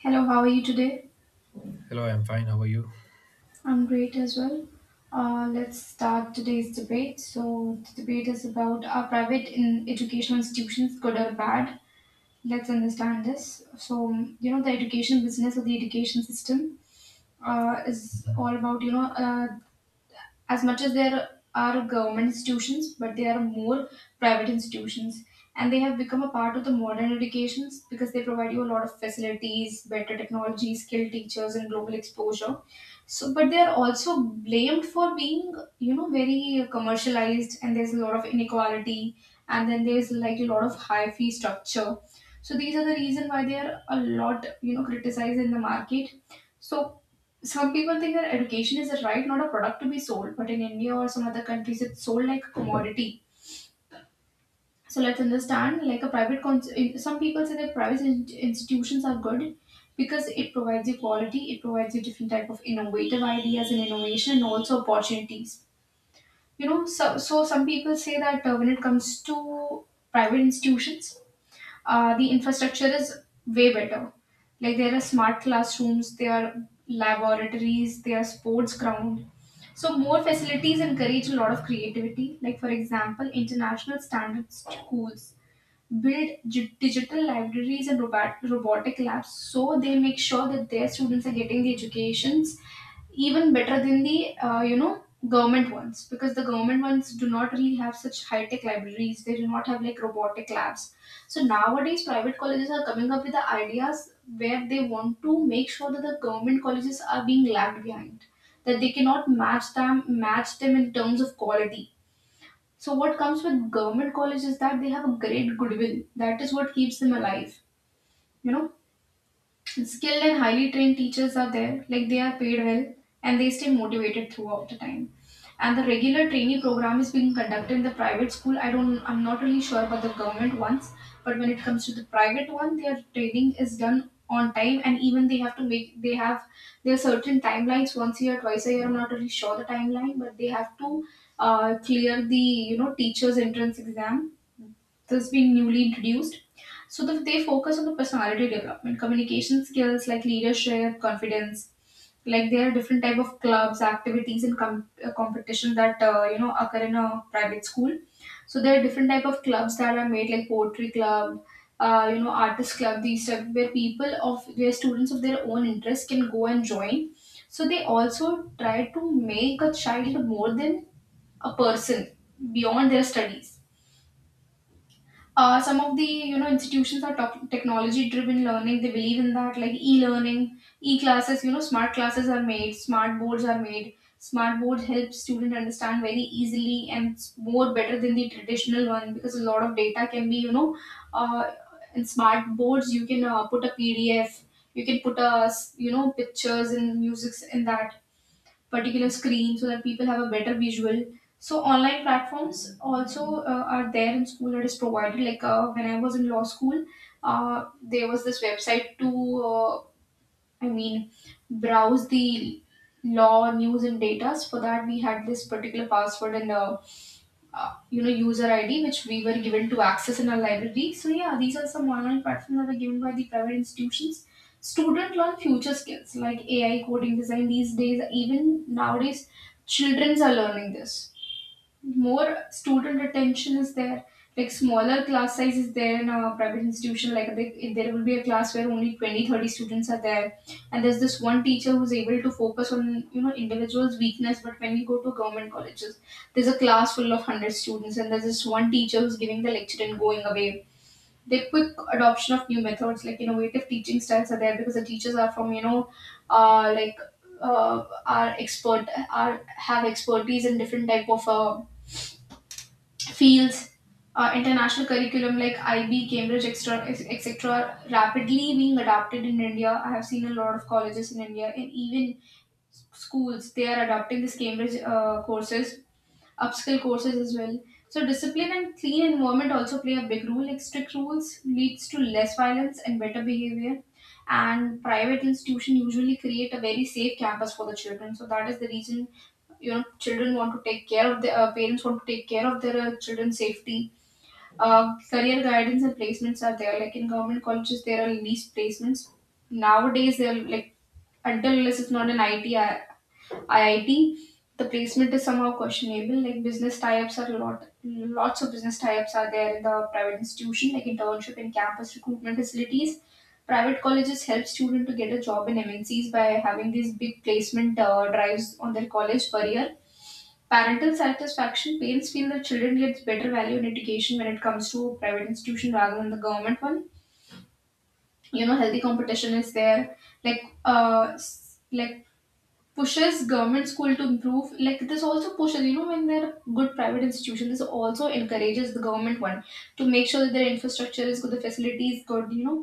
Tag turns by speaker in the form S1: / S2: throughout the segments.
S1: Hello, how are you today?
S2: Hello, I'm fine. How are you?
S1: I'm great as well. Let's start today's debate. So, the debate is about are private in educational institutions good or bad? Let's understand this. So, the education business or the education system is all
S2: Mhm.
S1: about, as much as there are government institutions, but they are more private institutions. And they have become a part of the modern educations because they provide you a lot of facilities, better technology, skilled teachers, and global exposure. So, but they are also blamed for being, very commercialized, and there's a lot of inequality, and then there's like a lot of high fee structure. So these are the reason why they are a lot, criticized in the market. So some people think that education is a right, not a product to be sold. But in India or some other countries, it's sold like a commodity. So let's understand, like a private. Some people say that private institutions are good because it provides you quality, it provides you different type of innovative ideas and innovation, and also opportunities. So some people say that when it comes to private institutions, the infrastructure is way better. Like there are smart classrooms, there are laboratories, there are sports ground. So more facilities encourage a lot of creativity. Like for example, international standard schools build digital libraries and robotic labs, so they make sure that their students are getting the educations even better than the government ones, because the government ones do not really have such high tech libraries. They do not have like robotic labs. So nowadays private colleges are coming up with the ideas where they want to make sure that the government colleges are being lagged behind, that they cannot match them in terms of quality. So what comes with government college is that they have a great goodwill. That is what keeps them alive. You know, skilled and highly trained teachers are there, like they are paid well and they stay motivated throughout the time, and the regular trainee program is being conducted in the private school. I'm not really sure about the government ones, but when it comes to the private one, their training is done on time, and even they have there certain timelines, once a year, twice a year, I'm not really sure the timeline, but they have to clear the teachers entrance exam, this being newly introduced. So they focus on the personality development, communication skills like leadership, confidence. Like there are different type of clubs, activities, and competition that occur in a private school. So there are different type of clubs that are made, like poetry club, artist club. These type where people of where students of their own interest can go and join. So they also try to make a child more than a person beyond their studies. Some of the institutions are technology driven learning. They believe in that, like e-learning, e-classes. Smart classes are made, smart boards are made. Smart board helps student understand very easily, and it's more better than the traditional one because a lot of data can be, uh, in smart boards you can put a PDF, you can put a s- you know pictures and music in that particular screen, so that people have a better visual. So online platforms also are there in school that is provided. Like, when I was in law school, there was this website to, uh, I mean, browse the law news and data. For that we had this particular password, and user ID, which we were given to access in our library. So yeah, these are some online platforms that are given by the private institutions. Students learn future skills like AI, coding, design. These days, even nowadays, childrens are learning this. More student attention is there. Like smaller class size is there in a private institution. Like there will be a class where only 20, 30 students are there, and there's this one teacher who's able to focus on, individuals weakness. But when you go to government colleges, there's a class full of 100 students, and there's this one teacher who's giving the lecture and going away. The quick adoption of new methods, like innovative teaching styles, are there because the teachers are from, uh, like are expert are have expertise in different type of fields. International curriculum like IB, Cambridge, etc., are rapidly being adopted in India. I have seen a lot of colleges in India and even schools. They are adopting this Cambridge courses, upskill courses as well. So discipline and clean environment also play a big role. Like strict rules leads to less violence and better behavior. And private institution usually create a very safe campus for the children. So that is the reason, children want to take care of their parents want to take care of their children's safety. Career guidance and placements are there. Like in government colleges, there are least placements. Nowadays, they're like, until unless it's not an ITI IIT, the placement is somehow questionable. Like business tie-ups are a lot, lots of business tie-ups are there in the private institution, like internship and campus recruitment facilities. Private colleges help students to get a job in MNCs by having these big placement drives on their college per year. Parental satisfaction. Parents feel that children gets better value in education when it comes to private institution rather than the government one. Healthy competition is there. Like, pushes government school to improve. Like this also pushes, when there are good private institutions, this also encourages the government one to make sure that their infrastructure is good, the facility is good.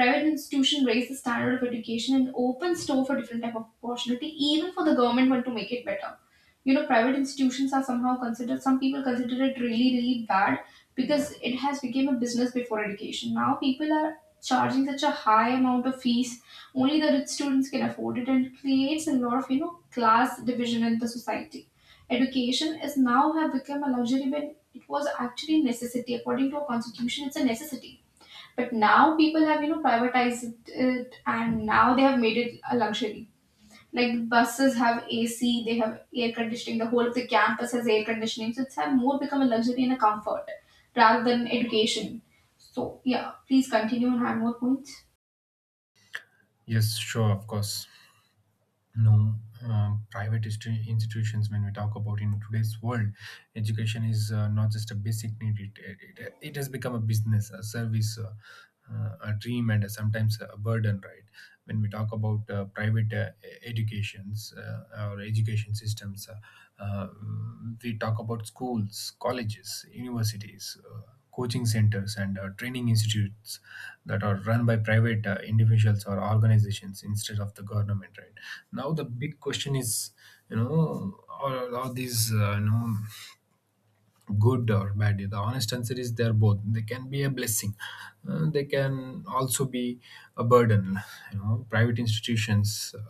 S1: Private institution raise the standard of education and opens door for different type of opportunity, even for the government one to make it better. Private institutions are somehow considered some people consider it really really bad, because it has become a business before education. Now people are charging such a high amount of fees. Only the rich students can afford it, and creates a lot of, class division in the society. Education is now have become a luxury, when it was actually necessity. According to our constitution, it's a necessity, but now people have, privatized it, and now they have made it a luxury. Like buses have AC, they have air conditioning, the whole of the campus has air conditioning. So it's have more become a luxury and a comfort rather than education. So yeah, please continue and have more points.
S2: Yes, sure, of course. No, Private institutions. When we talk about in today's world, education is not just a basic need; it has become a business, a service, a dream, and sometimes a burden. Right? When we talk about private educations or education systems, uh, we talk about schools, colleges, universities. Coaching centers and training institutes that are run by private individuals or organizations instead of the government. Right, now the big question is, you know, are these good or bad? The honest answer is they're both. They can be a blessing. They can also be a burden. You know, private institutions, uh,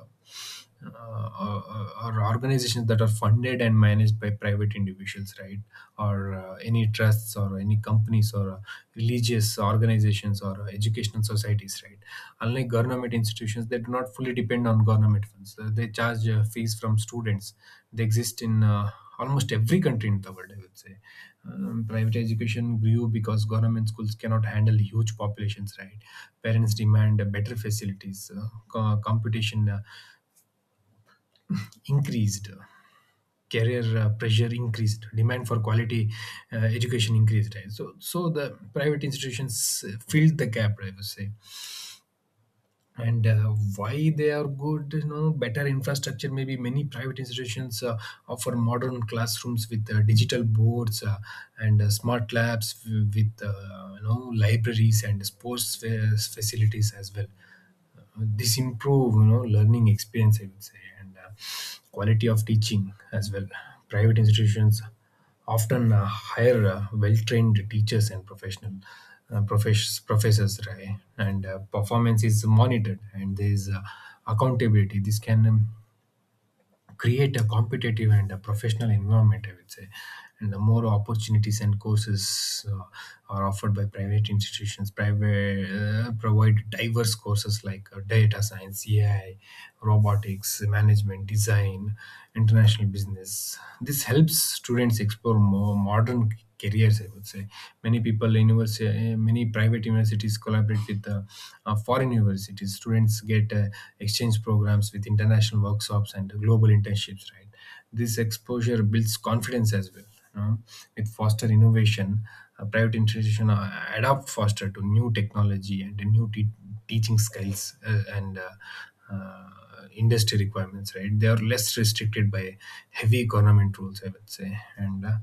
S2: uh, or organizations that are funded and managed by private individuals, right, or any trusts or any companies or religious organizations or educational societies. Right, unlike government institutions, they do not fully depend on government funds. They charge fees from students. They exist in almost every country in the world, I would say. Private education grew because government schools cannot handle huge populations, right? Parents demand better facilities, competition increased, career pressure increased, demand for quality education increased, right? So the private institutions filled the gap, I would say. And why they are good, you know, better infrastructure. Maybe many private institutions offer modern classrooms with digital boards and smart labs with libraries and sports facilities as well. This improve, you know, learning experience, I would say, and quality of teaching as well. Private institutions often hire well-trained teachers and professional professors, right? And performance is monitored and there is accountability. This can create a competitive and a professional environment, I would say. And the more opportunities and courses are offered by private institutions. Private provide diverse courses like data science, AI, robotics, management, design, international business. This helps students explore more modern careers, I would say. Many people university, many private universities collaborate with the foreign universities. Students get exchange programs with international workshops and global internships, right? This exposure builds confidence as well, you know, with foster innovation. A private institution adapt faster to new technology and new teaching skills, and uh, industry requirements, right? They are less restricted by heavy government rules, I would say. And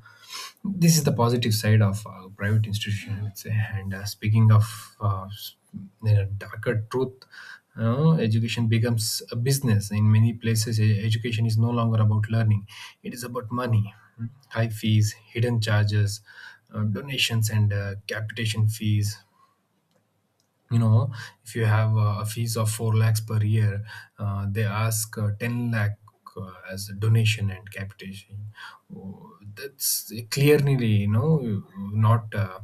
S2: this is the positive side of private institution, I would say. And speaking of darker truth, you know, education becomes a business in many places. Education is no longer about learning, it is about money. High fees, hidden charges, donations and capitation fees, you know. If you have a fees of 4 lakhs per year, they ask 10 lakh as a donation and capitation. Oh, that's clearly, you know, not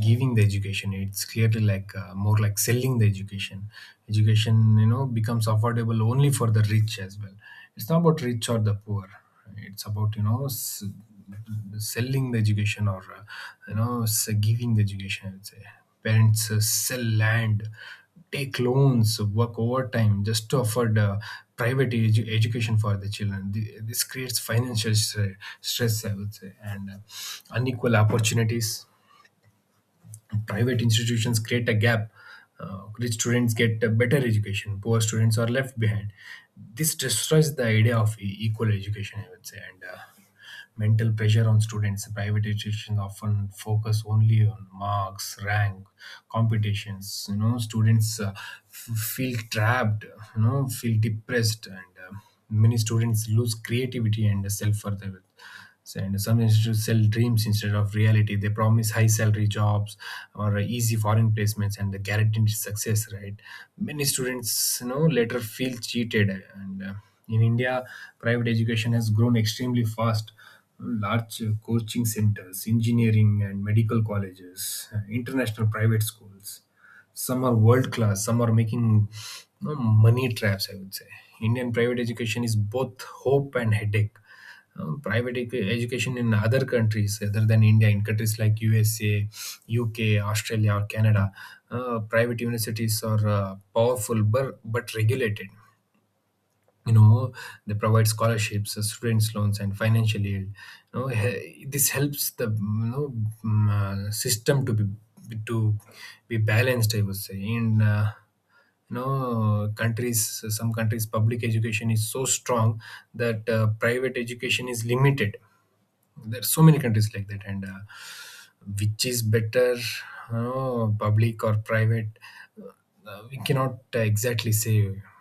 S2: giving the education, it's clearly like more like selling the education. Education, you know, becomes affordable only for the rich as well. It's not about rich or the poor, it's about, you know, selling the education or giving the education, I'd say. Parents sell land, take loans, work overtime just to afford private education for the children. This creates financial stress, I would say, and unequal opportunities. Private institutions create a gap. Rich students get a better education, poor students are left behind. This destroys the idea of equal education, I would say, and mental pressure on students. Private institutions often focus only on marks, rank, competitions. You know, students feel trapped, you know, feel depressed, and uh, many students lose creativity and self further. And some institutes sell dreams instead of reality. They promise high salary jobs or easy foreign placements and the guaranteed success. Right? Many students, you know, later feel cheated. And in India, private education has grown extremely fast. Large coaching centers, engineering and medical colleges, international private schools, some are world class, some are making, you know, money traps, I would say. Indian private education is both hope and headache. Private education in other countries other than India, in countries like USA, UK, Australia, or Canada, private universities are powerful but regulated, you know. They provide scholarships, students loans and financial aid, you know. This helps the, you know, system to be balanced, I would say. And you know countries, some countries public education is so strong that private education is limited. There are so many countries like that. And which is better, public or private? Uh, we cannot exactly say,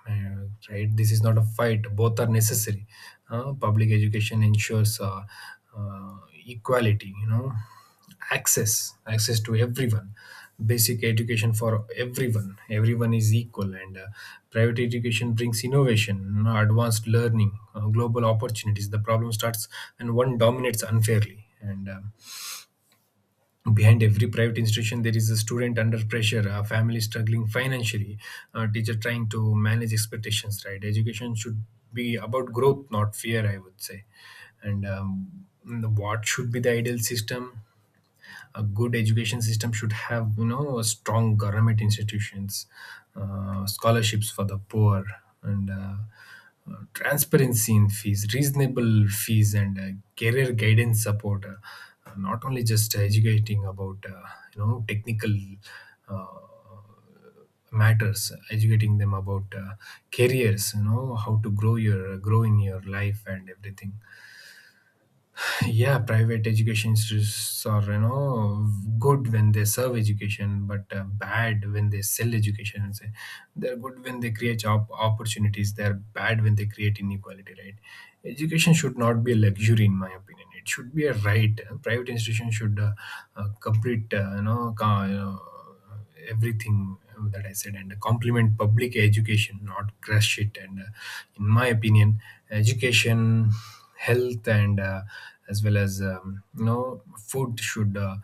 S2: right? This is not a fight, both are necessary. Uh, public education ensures uh, equality, you know, access to everyone, basic education for everyone, everyone is equal. And private education brings innovation, you know, advanced learning, global opportunities. The problem starts when one dominates unfairly. And behind every private institution there is a student under pressure, a family struggling financially, a teacher trying to manage expectations, right? Education should be about growth, not fear, I would say. And what should be the ideal system? A good education system should have, you know, a strong government institutions, scholarships for the poor, and transparency in fees, reasonable fees, and career guidance support, not only just educating about technical uh, matters, educating them about careers, you know, how to grow your grow in your life and everything. Yeah, private education institutes are, you know, good when they serve education, but bad when they sell education. So they're good when they create job opportunities, they're bad when they create inequality, right? Education should not be a luxury, in my opinion it should be a right. Private institution should complete everything that I said and complement public education, not crush it. And in my opinion, education, health, and as well as food should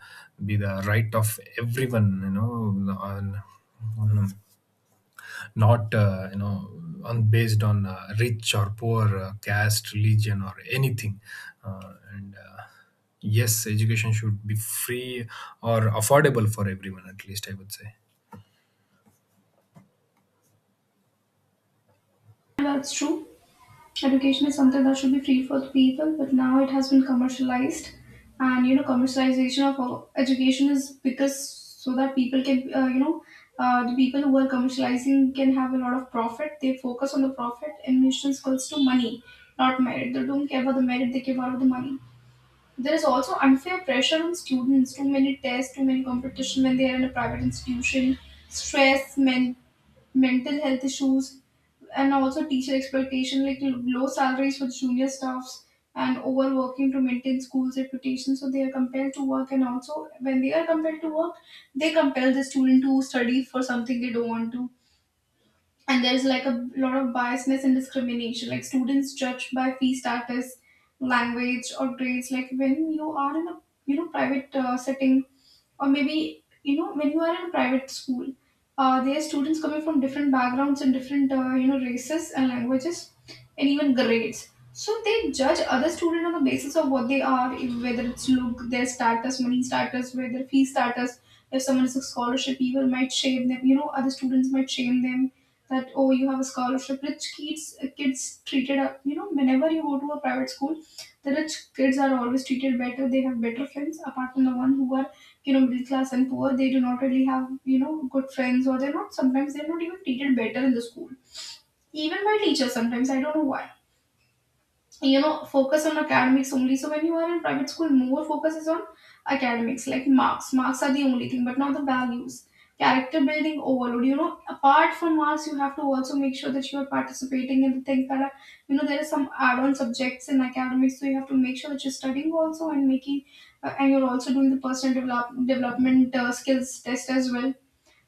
S2: be the right of everyone. You know, on not on based on rich or poor, caste, religion, or anything. And yes, education should be free or affordable for everyone. At least I would say.
S1: That's true. Education is something that should be free for the people, but now it has been commercialized. And, commercialization of education is because, so that people can, you know, the people who are commercializing can have a lot of profit. They focus on the profit, and mission goes to money, not merit. They don't care about the merit; they care about the money. There is also unfair pressure on students. Too many tests, too many competition when they are in a private institution. Stress, mental health issues, and also teacher exploitation, like low salaries for junior staffs and overworking to maintain school's reputation. So they are compelled to work, and also when they are compelled to work, they compel the student to study for something they don't want to, and there's like a lot of biasness and discrimination, like students judged by fee status, language, or grades. Like when you are in a, private setting, or maybe you know when you are in a private school, there are students coming from different backgrounds and different you know races and languages and even grades, so they judge other student on the basis of what they are, whether it's look their status, money status, whether fee status. If someone is a scholarship, people might shame them, you know, other students might shame them that, oh, you have a scholarship. Rich kids, kids treated up, you know, whenever you go to a private school, the rich kids are always treated better. They have better friends apart from the one who are, you know, middle class and poor. They do not really have, you know, good friends, or they're not, sometimes they're not even treated better in the school, even by teachers sometimes. I don't know why. So, you know, focus on academics only. So when you are in private school, more focus is on academics, like marks. Marks are the only thing, but not the values. Character building overload, you know, apart from marks, you have to also make sure that you are participating in the things that are, you know, there are some add-on subjects in academics, so you have to make sure that you're studying also and making, and you're also doing the personal development skills test as well.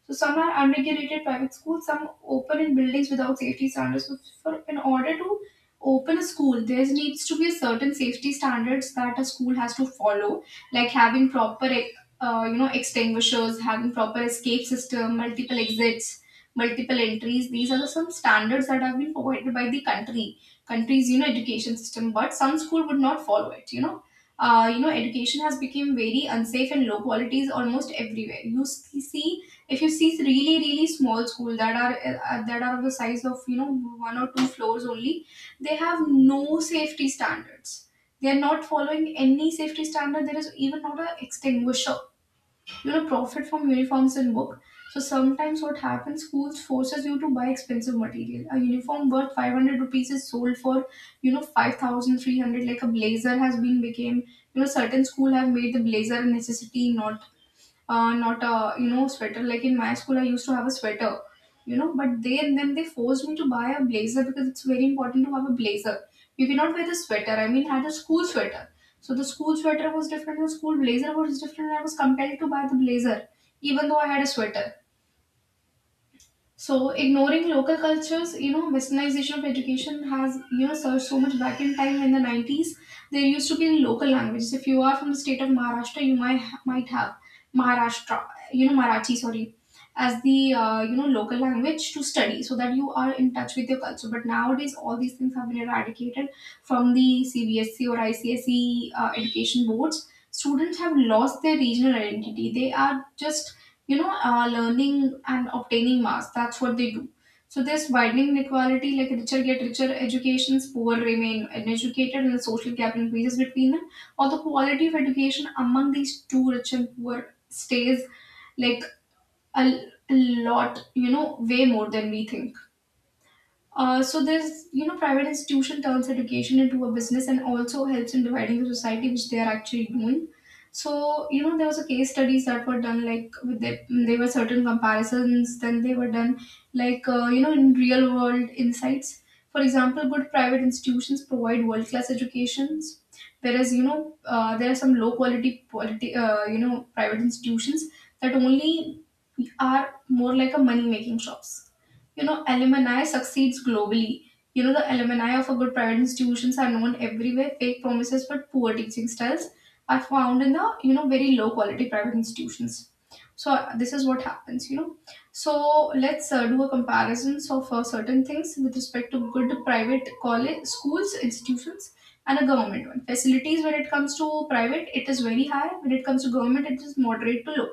S1: So some are unregulated private schools, some open in buildings without safety standards. So for, in order to open a school, there needs to be a certain safety standards that a school has to follow, like having proper, you know, extinguishers, having proper escape system, multiple exits, multiple entries. These are the some standards that have been provided by the country's you know education system. But some school would not follow it. You know. You know, education has become very unsafe and low quality is almost everywhere. See, if you see really really small school that are of the size of, you know, one or two floors only, they have no safety standards. They are not following any safety standard. There is even not a extinguisher. You know, profit from uniforms and book. So sometimes what happens, schools forces you to buy expensive material. A uniform worth 500 rupees is sold for, you know, 5300. Like a blazer has been became, you know, certain school have made the blazer a necessity, not not a you know sweater. Like in my school, I used to have a sweater, you know. But they then they forced me to buy a blazer because it's very important to have a blazer. You cannot wear the sweater. I mean, I had a school sweater, so the school sweater was different. The school blazer was different. I was compelled to buy the blazer, even though I had a sweater. So ignoring local cultures, you know, westernization of education has, you know, surged so much back in time in the 90s. There used to be local languages. If you are from the state of Maharashtra, you might have Maharashtra, you know, Marathi, sorry, as the, you know, local language to study so that you are in touch with your culture. But nowadays, all these things have been eradicated from the CBSE or ICSE education boards. Students have lost their regional identity. They are just you know learning and obtaining mass, that's what they do. So this widening inequality, like richer get richer educations, poor remain uneducated, and the social gap increases between them, or the quality of education among these two, rich and poor, stays like a, a lot, you know, way more than we think. So there's, you know, private institution turns education into a business and also helps in dividing the society, which they are actually doing. So you know, there was a case studies that were done, like with the, they were certain comparisons. Then they were done, like you know, in real world insights. For example, good private institutions provide world class educations, whereas you know there are some low quality you know private institutions that only are more like a money making shops. You know, alumni succeeds globally. You know, the alumni of a good private institutions are known everywhere. Fake promises but poor teaching styles are found in the, you know, very low quality private institutions. So this is what happens, you know. So let's do a comparisons of certain things with respect to good private college schools institutions and a government one. Facilities, when it comes to private, it is very high. When it comes to government, it is moderate to low.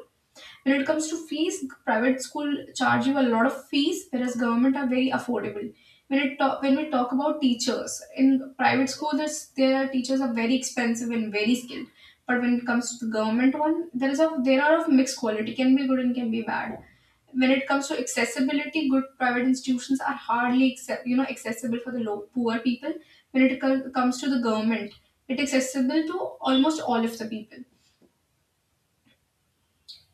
S1: When it comes to fees, private school charge you a lot of fees, whereas government are very affordable. When we talk about teachers in private school, their teachers are very expensive and very skilled, but when it comes to the government one, there is a there are of mixed quality, can be good and can be bad. When it comes to accessibility, good private institutions are you know accessible for the low poor people. When it comes to the government, it accessible to almost all of the people.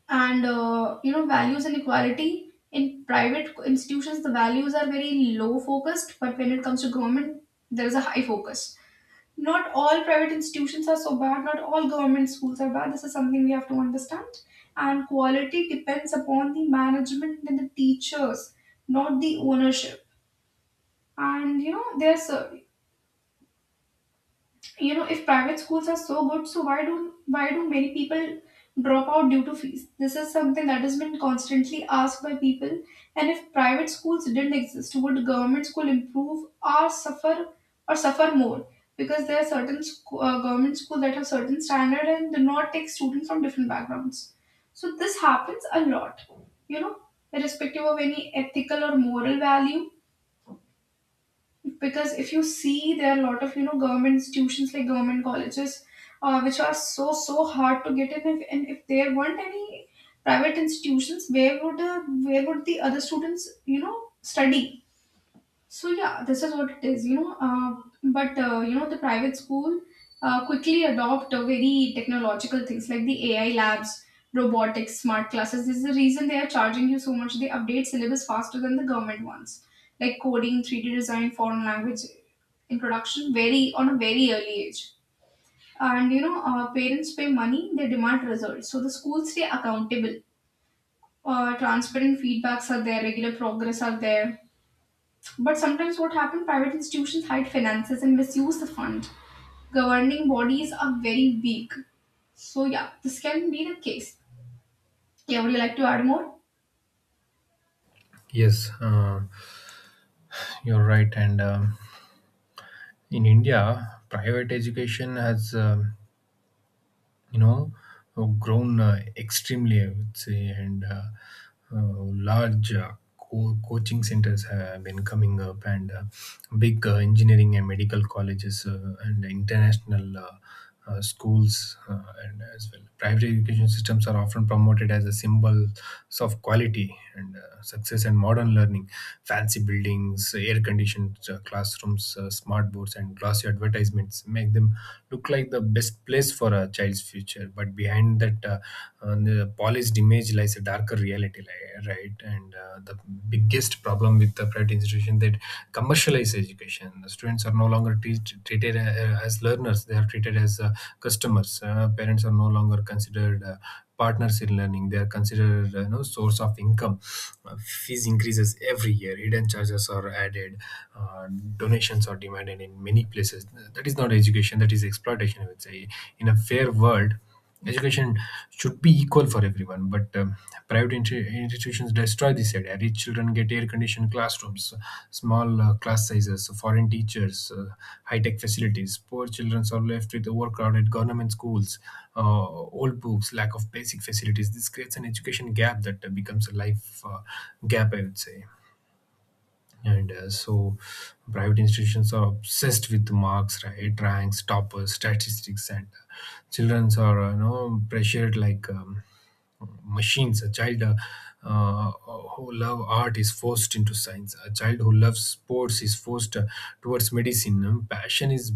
S1: And you know, values and equality, in private institutions the values are very low focused, but when it comes to government, there is a high focus. Not all private institutions are so bad, not all government schools are bad, this is something we have to understand. And quality depends upon the management and the teachers, not the ownership. And you know there's you know, if private schools are so good, so why do many people drop out due to fees? This is something that has been constantly asked by people. And if private schools didn't exist, would government school improve or suffer, or suffer more? Because there are certain government schools that have certain standard and do not take students from different backgrounds. So this happens a lot, you know, irrespective of any ethical or moral value, because if you see, there are a lot of, you know, government institutions like government colleges, which are so so hard to get in if, and if there weren't any private institutions, where would the other students, you know, study? So yeah, this is what it is, you know. But you know, the private school quickly adopt a very technological things like the AI labs, robotics, smart classes. This is the reason they are charging you so much. They update syllabus faster than the government ones, like coding, 3D design, foreign language introduction, very on a very early age. And you know, parents pay money; they demand results. So the schools stay accountable. Transparent feedbacks are there. Regular progress are there, but sometimes what happens, private institutions hide finances and misuse the fund. Governing bodies are very weak. So yeah, this can be the case. Yeah, would you like to add more?
S2: Yes, you're right. And in India, private education has you know grown extremely, I would say. And uh, large coaching centers have been coming up, and big engineering and medical colleges and international schools and as well. Private education systems are often promoted as a symbols of quality and success and modern learning. Fancy buildings, air conditioned classrooms, smart boards and glossy advertisements make them look like the best place for a child's future, but behind that, the polished image lies a darker reality, right? And the biggest problem with the private institution that commercialize education, the students are no longer treated as learners, they are treated as customers. Uh, parents are no longer considered partners in learning, they are considered source of income. Uh, fees increases every year, hidden charges are added, donations are demanded in many places. That is not education, that is exploitation, I would say. In a fair world, education should be equal for everyone, but private institutions destroy this idea. Rich children get air conditioned classrooms, small class sizes, foreign teachers, high tech facilities. Poor children are left with overcrowded government schools, uh, old books, lack of basic facilities. This creates an education gap that becomes a life gap, I would say. And so private institutions are obsessed with marks, right? Ranks, toppers, statistics, and childrens are pressured like machines. A child who love art is forced into science. A child who loves sports is forced towards medicine. Passion is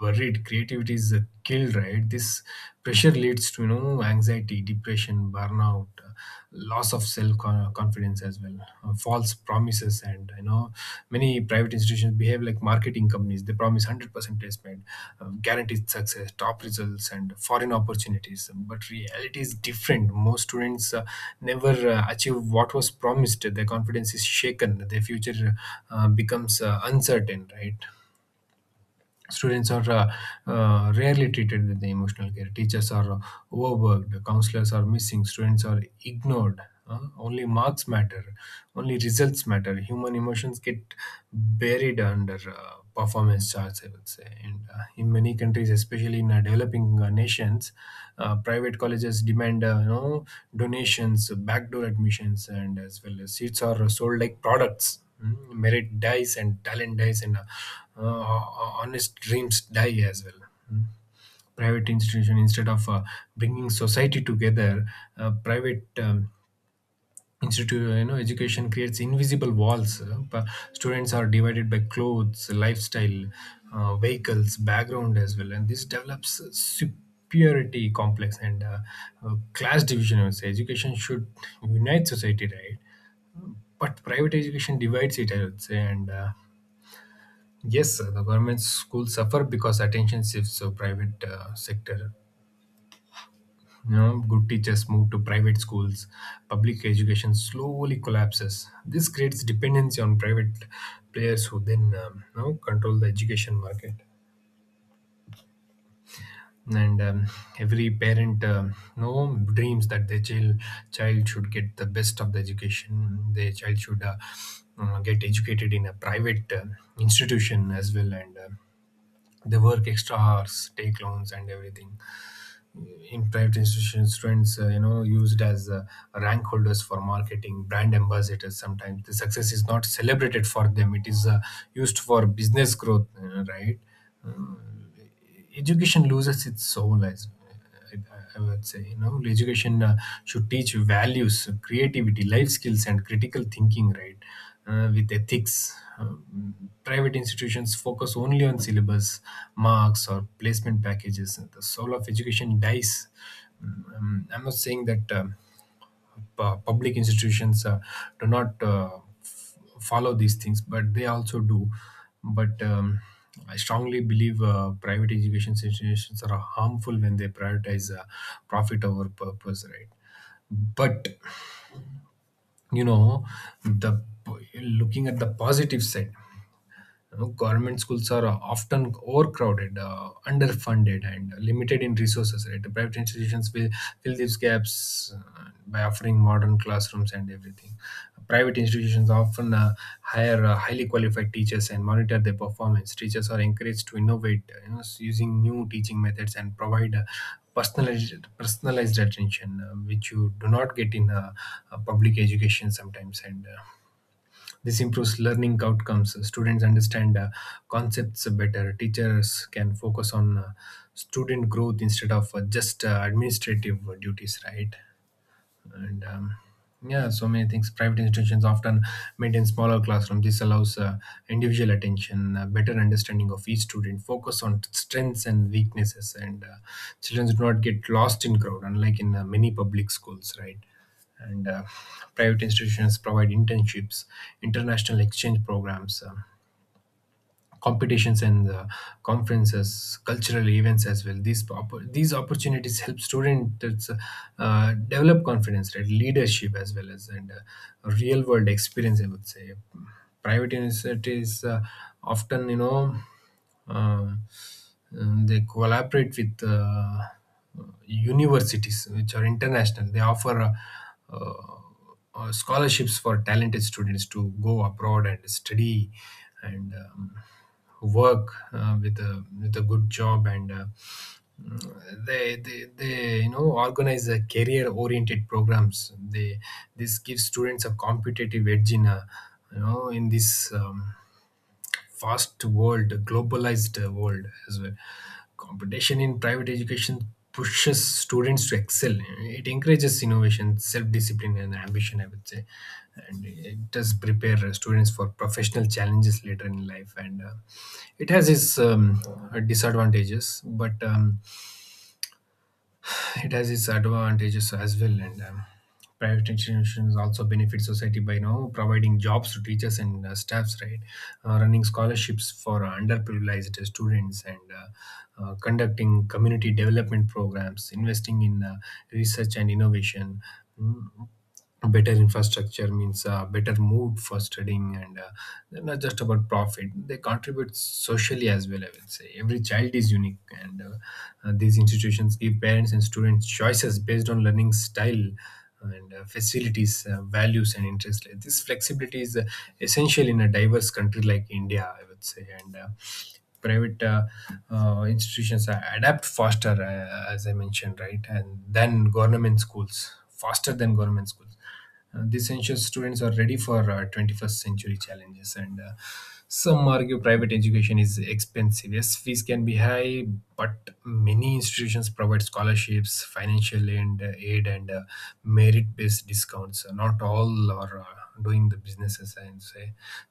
S2: buried. Creativity is killed, right? This pressure leads to, you know, anxiety, depression, burnout, loss of self confidence as well, false promises, and you know many private institutions behave like marketing companies. They promise 100% placement, guaranteed success, top results and foreign opportunities, but reality is different. Most students never achieve what was promised, their confidence is shaken, their future becomes uncertain, right? Students are rarely treated with the emotional care. Teachers are overworked. Counselors are missing. Students are ignored. Only marks matter. Only results matter. Human emotions get buried under performance charts, I would say. And in many countries, especially in developing nations, private colleges demand donations, backdoor admissions, and as well as seats are sold like products. Mm, merit dies and talent dies and uh, honest dreams die as well. Mm. Private institution instead of bringing society together, private institute, you know, education creates invisible walls, students are divided by clothes, lifestyle, vehicles, background as well, and this develops superiority complex and class division, I would say. Education should unite society, right? But private education divides it, I would say. And Yes, sir, the government schools suffer because attention shifts to private sector. You know, good teachers move to private schools. Public education slowly collapses. This creates dependency on private players who then control the education market. And Every parent, dreams that their child should get the best of the education. Their child should get educated in a private institution as well, and they work extra hours, take loans and everything. In private institutions, students, used as rank holders for marketing, brand ambassadors. Sometimes the success is not celebrated for them, it is used for business growth, right? Education loses its soul, as I would say, you know, education should teach values, creativity, life skills, and critical thinking, right? With ethics, private institutions focus only on syllabus, marks or placement packages. The soul of education dies. Mm. I'm not saying that public institutions do not follow these things, but they also do. But I strongly believe private education institutions are harmful when they prioritize profit over purpose, right? But you know, the looking at the positive side, you know, government schools are often overcrowded, underfunded, and limited in resources. Right, the private institutions will fill these gaps by offering modern classrooms and everything. Private institutions often hire highly qualified teachers and monitor their performance. Teachers are encouraged to innovate, using new teaching methods and provide personalized attention, which you do not get in public education sometimes. And this improves learning outcomes. Students understand concepts better. Teachers can focus on student growth instead of just administrative duties, right? And yeah, so many things. Private institutions often maintain smaller classrooms. This allows individual attention, better understanding of each student, focus on strengths and weaknesses, and children do not get lost in crowd, unlike in many public schools, right? And private institutions provide internships, international exchange programs, competitions and conferences, cultural events as well. These opportunities help students develop confidence, right? Leadership as well as and real world experience, I would say. Private universities often, you know, uh, they collaborate with. Universities which are international, they offer uh, scholarships for talented students to go abroad and study and work with a good job and they you know organize a career oriented programs. They, this gives students a competitive edge in a, you know, in this, fast world, globalized world as well. Competition in private education pushes students to excel. It encourages innovation, self-discipline, and ambition, I would say, and it does prepare students for professional challenges later in life. And it has its disadvantages, but it has its advantages as well. And private institutions also benefit society by, you know, providing jobs to teachers and staffs, right? Running scholarships for underprivileged students and conducting community development programs, investing in research and innovation. Mm. Better infrastructure means a better mood for studying, and they're not just about profit, they contribute socially as well, I would say. Every child is unique, and these institutions give parents and students choices based on learning style and facilities, values and interests. Like, this flexibility is essential in a diverse country like India, I would say. And private adapt faster, as I mentioned, right? and then government schools Faster than government schools. This ensures students are ready for 21st century challenges, and some argue private education is expensive. Yes, fees can be high, but many institutions provide scholarships, financial aid, and merit based discounts. Not all are doing the businesses, and say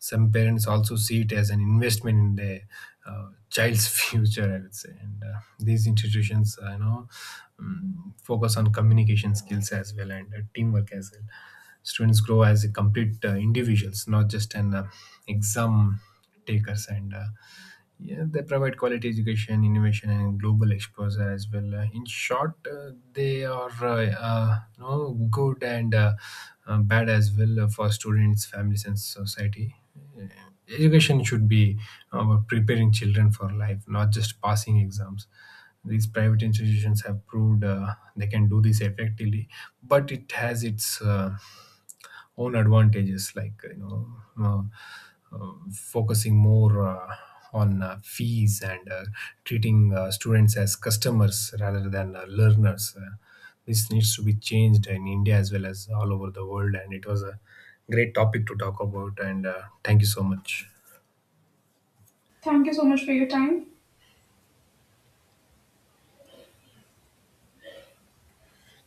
S2: some parents also see it as an investment in their child's future, I would say. And these institutions, focus on communication skills as well, and teamwork as well. Students grow as a complete individuals, not just an exam takers. And Yeah, they provide quality education, innovation, and global exposure as well. In short, they are good and bad as well for students, families, and society. Uh, Education should be about preparing children for life, not just passing exams. These private institutions have proved they can do this effectively, but it has its own advantages, like, you know, uh, focusing more on fees and treating students as customers rather than learners. This needs to be changed in India as well as all over the world. And it was a great topic to talk about, and thank you so much.
S1: Thank you so much for your time.